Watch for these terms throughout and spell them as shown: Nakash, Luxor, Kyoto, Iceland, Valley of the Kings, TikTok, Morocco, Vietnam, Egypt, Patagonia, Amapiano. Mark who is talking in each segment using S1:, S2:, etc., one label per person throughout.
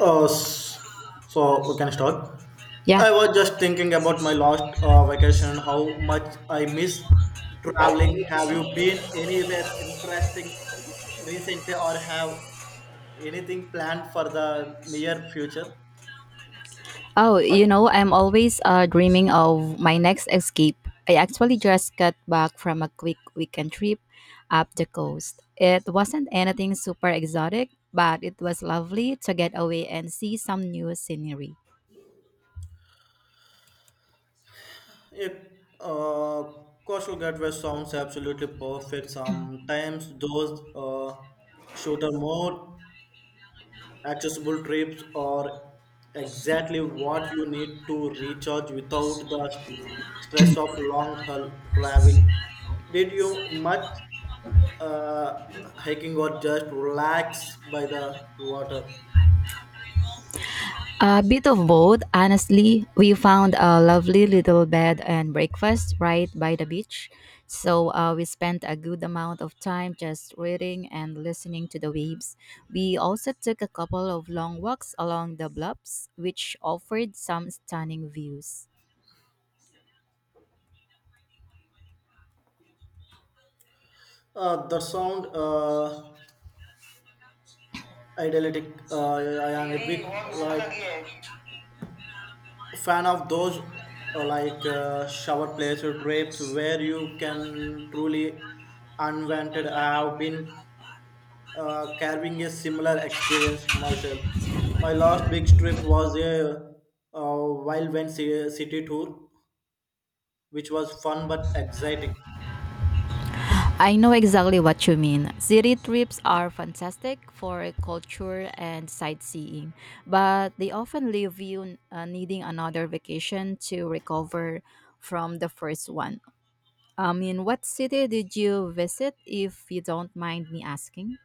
S1: Uh, s- so we can start.
S2: Yeah.
S1: I was just thinking about my last vacation how much I miss traveling. Have you been anywhere interesting recently, or have anything planned for the near future?
S2: Oh, you know, I'm always dreaming of my next escape. I actually just got back from a quick weekend trip up the coast. It wasn't anything super exotic, but it was lovely to get away and see some new scenery.
S1: It, uh, Coastal gateway sounds absolutely perfect. Sometimes those shoot are more Accessible trips are exactly what you need to recharge without the stress of long haul travel. Did you much uh, hiking or just relax by the water?
S2: A bit of both, honestly. We found a lovely little bed and breakfast right by the beach, so we spent a good amount of time just reading and listening to the waves. We also took a couple of long walks along the bluffs, which offered some stunning views.
S1: The sound idyllic. I am a big like fan of those shower place or trips where you can truly unwanted. I have been carving a similar experience myself. My last big trip was a Wild Wind City tour, which was fun but exciting.
S2: I know exactly what you mean. City trips are fantastic for culture and sightseeing, but they often leave you needing another vacation to recover from the first one. I mean, what city did you visit, if you don't mind me asking?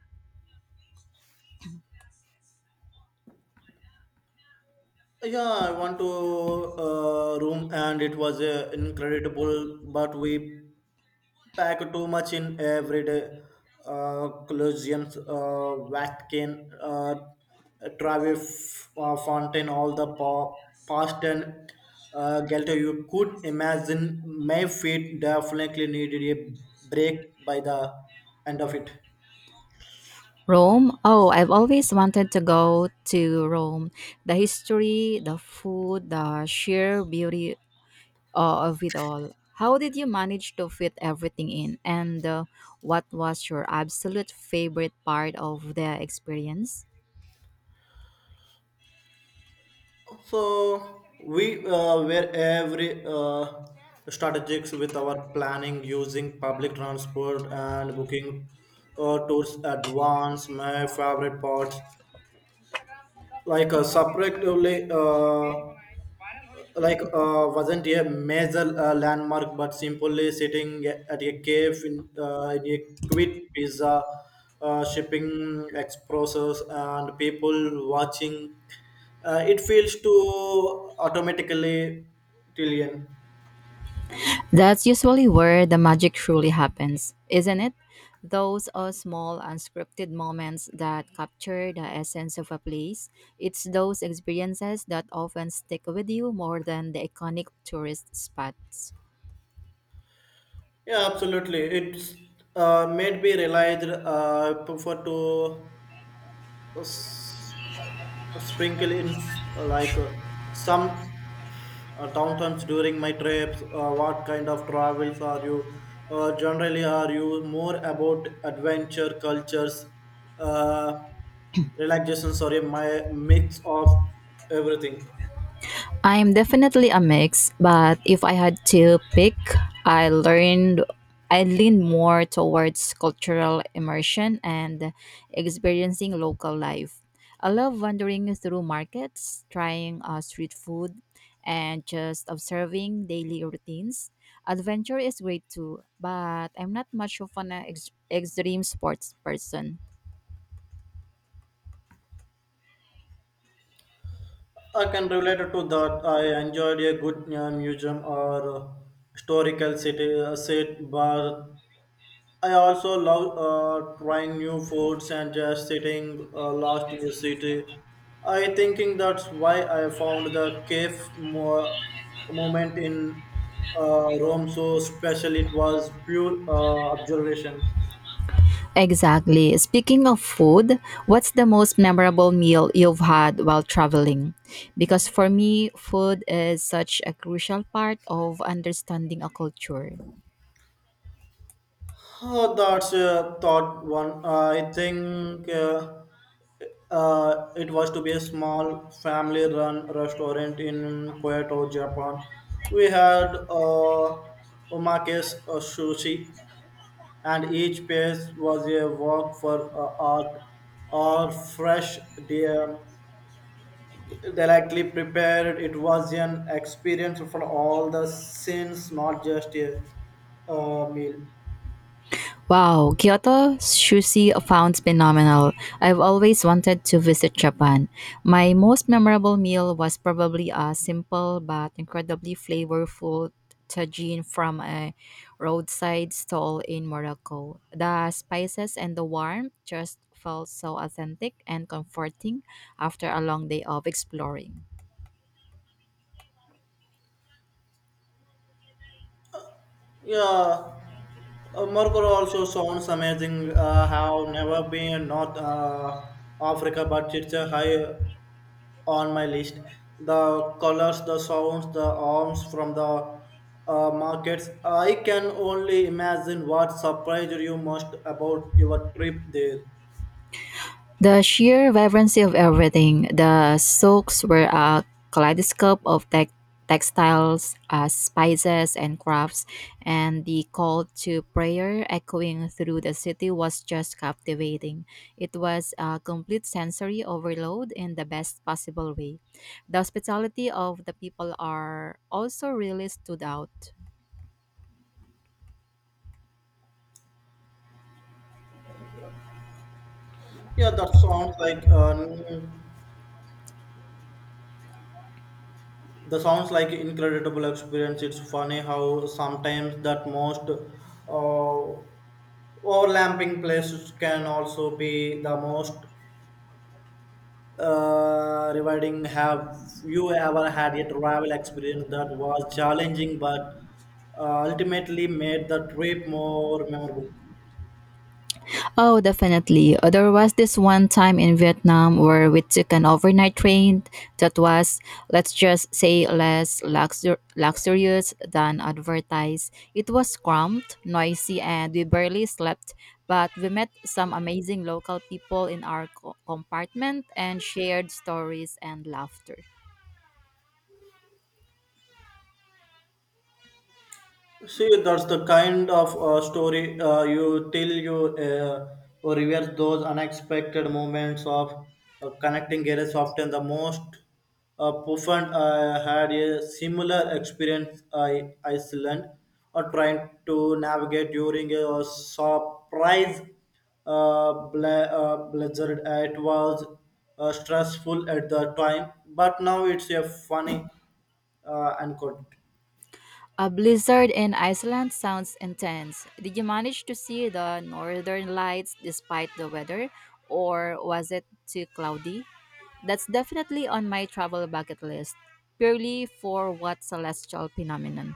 S1: Yeah, I want to room and it was incredible, but we pack too much in everyday collisions, Vatican, Travis, Fountain all the past and Gelto you could imagine my feet definitely needed a break by the end of it.
S2: Rome? Oh, I've always wanted to go to Rome. The history, the food, the sheer beauty of it all. How did you manage to fit everything in? And what was your absolute favorite part of the experience?
S1: So we were every strategics with our planning using public transport and booking tours advance. My favorite parts like subjectively, wasn't a major landmark but simply sitting at a cave in a quit pizza, shipping expresses and people watching, it feels to automatically tillion.
S2: That's usually where the magic truly happens, isn't it? Those are small unscripted moments that capture the essence of a place. It's those experiences that often stick with you more than the iconic tourist spots.
S1: Yeah, absolutely. It's made me realize I prefer to uh, s- sprinkle in some downtimes during my trips. What kind of travels are you generally, are you more about adventure cultures, uh, relaxation, sorry, my mix of everything?
S2: I'm definitely a mix, but if I had to pick, I learned I lean more towards cultural immersion and experiencing local life. I love wandering through markets, trying street food, and just observing daily routines. Adventure is great too, but I'm not much of an extreme sports person.
S1: I can relate to that. I enjoyed a good museum or historical city set bar. I also love trying new foods and just sitting lost in the city. I thinking that's why I found the cave moment in Rome so special. It was pure observations.
S2: Exactly. Speaking of food, what's the most memorable meal you've had while traveling? Because for me, food is such a crucial part of understanding a culture.
S1: Oh, that's thought one. I think it was to be a small family-run restaurant in Kyoto, Japan. We had omakase sushi, and each piece was a work for art, or fresh, dear, delicately prepared. It was an experience for all the sins, not just a meal.
S2: Wow, Kyoto sushi sounds phenomenal. I've always wanted to visit Japan. My most memorable meal was probably a simple but incredibly flavorful tagine from a roadside stall in Morocco. The spices and the warmth just felt so authentic and comforting after a long day of exploring.
S1: Yeah, Morocco also sounds amazing. Have never been North Africa, but it's a high on my list. The colors, the sounds, the arms from the markets. I can only imagine what surprised you most about your trip there.
S2: The sheer vibrancy of everything, the silks were a kaleidoscope of textiles, spices, and crafts, and the call to prayer echoing through the city was just captivating. It was a complete sensory overload in the best possible way. The hospitality of the people are also really stood out.
S1: Yeah, that sounds like uh, the sounds like incredible experience. It's funny how sometimes that most uh, overlapping places can also be the most rewarding. Have you ever had a travel experience that was challenging but ultimately made the trip more memorable?
S2: Oh, definitely. There was this one time in Vietnam where we took an overnight train that was, let's just say, less luxurious than advertised. It was cramped, noisy, and we barely slept. But we met some amazing local people in our compartment and shared stories and laughter.
S1: See, that's the kind of story you tell, you reverse those unexpected moments of connecting areas. Often the most profound, had a similar experience I Iceland or trying to navigate during a surprise blizzard. It was stressful at the time, but now it's a funny anecdote.
S2: A blizzard in Iceland sounds intense. Did you manage to see the northern lights despite the weather, or was it too cloudy? That's definitely on my travel bucket list, purely for what celestial phenomenon.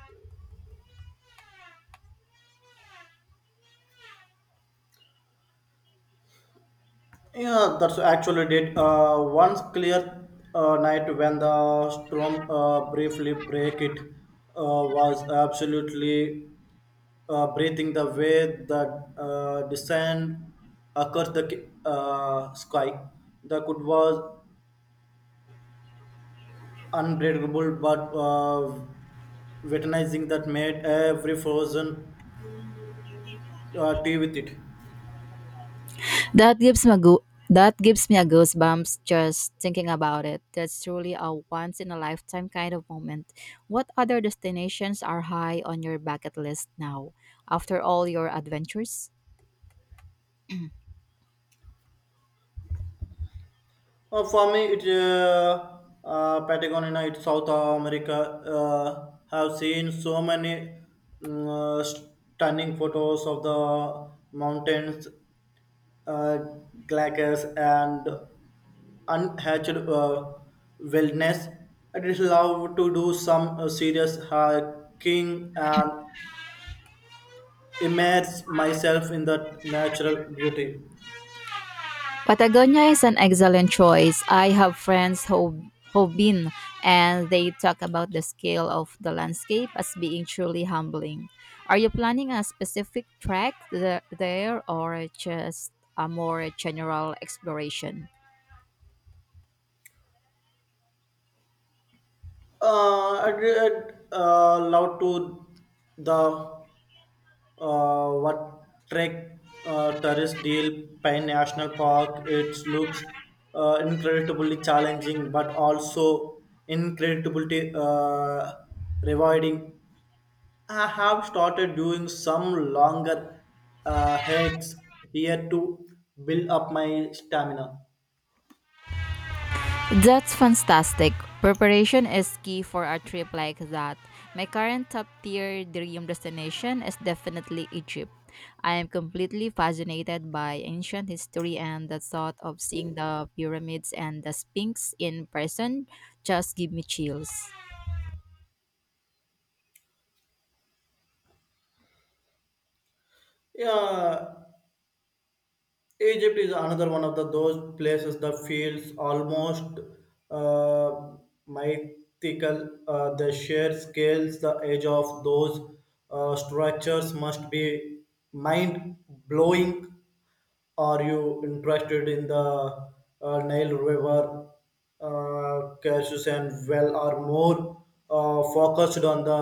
S1: Yeah, that's actually did. Once clear night when the storm briefly break it was absolutely breathing, the way the descent across the sky. The good was unbreakable, but witnessing that made every frozen tea with it.
S2: That gives me a goosebumps just thinking about it. That's truly a once in a lifetime kind of moment. What other destinations are high on your bucket list now, after all your adventures?
S1: For me, it's Patagonia, it's South America. Have seen so many mm, uh, stunning photos of the mountains, uh, glaciers, and unhatched wilderness. I just love to do some serious hiking and immerse myself in the natural beauty.
S2: Patagonia is an excellent choice. I have friends who've been and they talk about the scale of the landscape as being truly humbling. Are you planning a specific track there or just a more general exploration?
S1: I read loud to the what Trek Terrace Deal Pine National Park. It looks incredibly challenging, but also incredibly rewarding. I have started doing some longer hikes here to build up my stamina.
S2: That's fantastic. Preparation is key for a trip like that. My current top tier dream destination is definitely Egypt. I am completely fascinated by ancient history and the thought of seeing the pyramids and the Sphinx in person just give me chills.
S1: Yeah, Egypt is another one of the those places that feels almost uh, mythical. The sheer scales, the edge of those structures must be mind blowing. Are you interested in the Nile River cases, and well, are more focused on the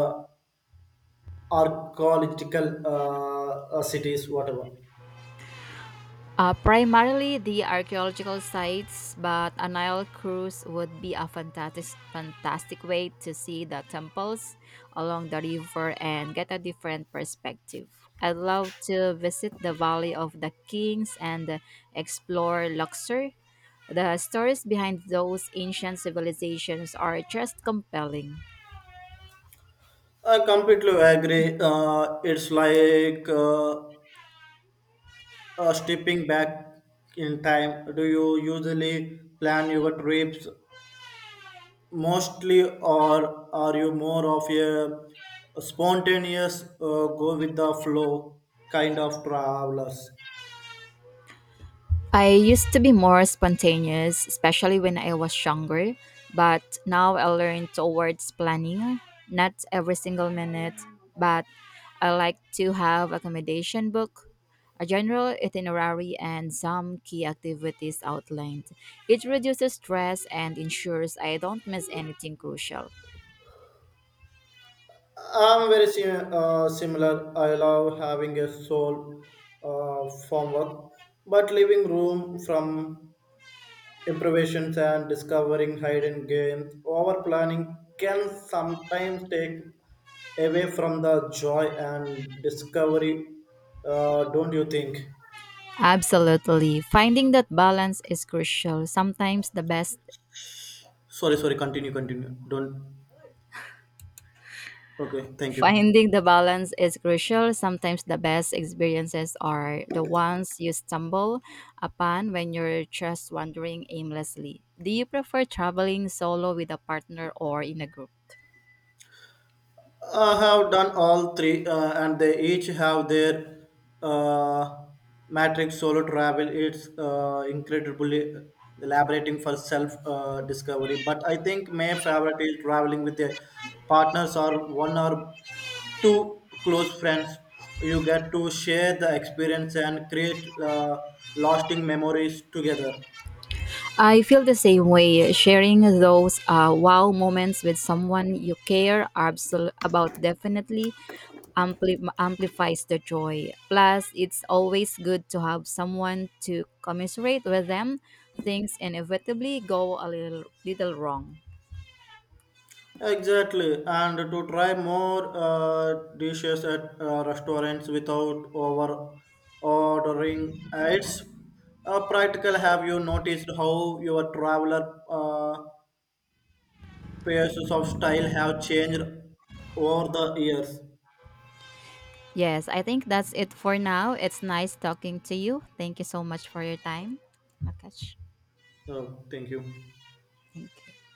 S1: archaeological cities, whatever?
S2: Primarily the archaeological sites, but a Nile cruise would be a fantastic way to see the temples along the river and get a different perspective. I'd love to visit the Valley of the Kings and explore Luxor. The stories behind those ancient civilizations are just compelling.
S1: I completely agree. It's like stepping back in time. Do you usually plan your trips mostly, or are you more of a spontaneous, go with the flow kind of travelers?
S2: I used to be more spontaneous, especially when I was younger, but now I learn towards planning, not every single minute, but I like to have accommodation book, a general itinerary and some key activities outlined. It reduces stress and ensures I don't miss anything crucial.
S1: I'm very similar. I love having a soul from work, but leaving room from improvisations and discovering hidden games. Over planning can sometimes take away from the joy and discovery, don't you think?
S2: Absolutely. Finding that balance is crucial. Sometimes the best
S1: Sorry, continue. Don't. Okay, thank you.
S2: Finding the balance is crucial. Sometimes the best experiences are the ones you stumble upon when you're just wandering aimlessly. Do you prefer traveling solo with a partner or in a group?
S1: I have done all three, and they each have their uh, matrix. Solo travel, it's incredibly elaborating for self discovery. But I think my favorite is traveling with a partners or one or two close friends. You get to share the experience and create lasting memories together.
S2: I feel the same way. Sharing those wow moments with someone you care about definitely amplifies the joy. Plus, it's always good to have someone to commiserate with them. Things inevitably go a little wrong.
S1: Exactly, and to try more dishes at restaurants without over ordering. It's practical. Have you noticed how your traveler pieces of style have changed over the years?
S2: Yes, I think that's it for now. It's nice talking to you. Thank you so much for your time, Nakash.
S1: Oh, thank you.
S2: Thank you.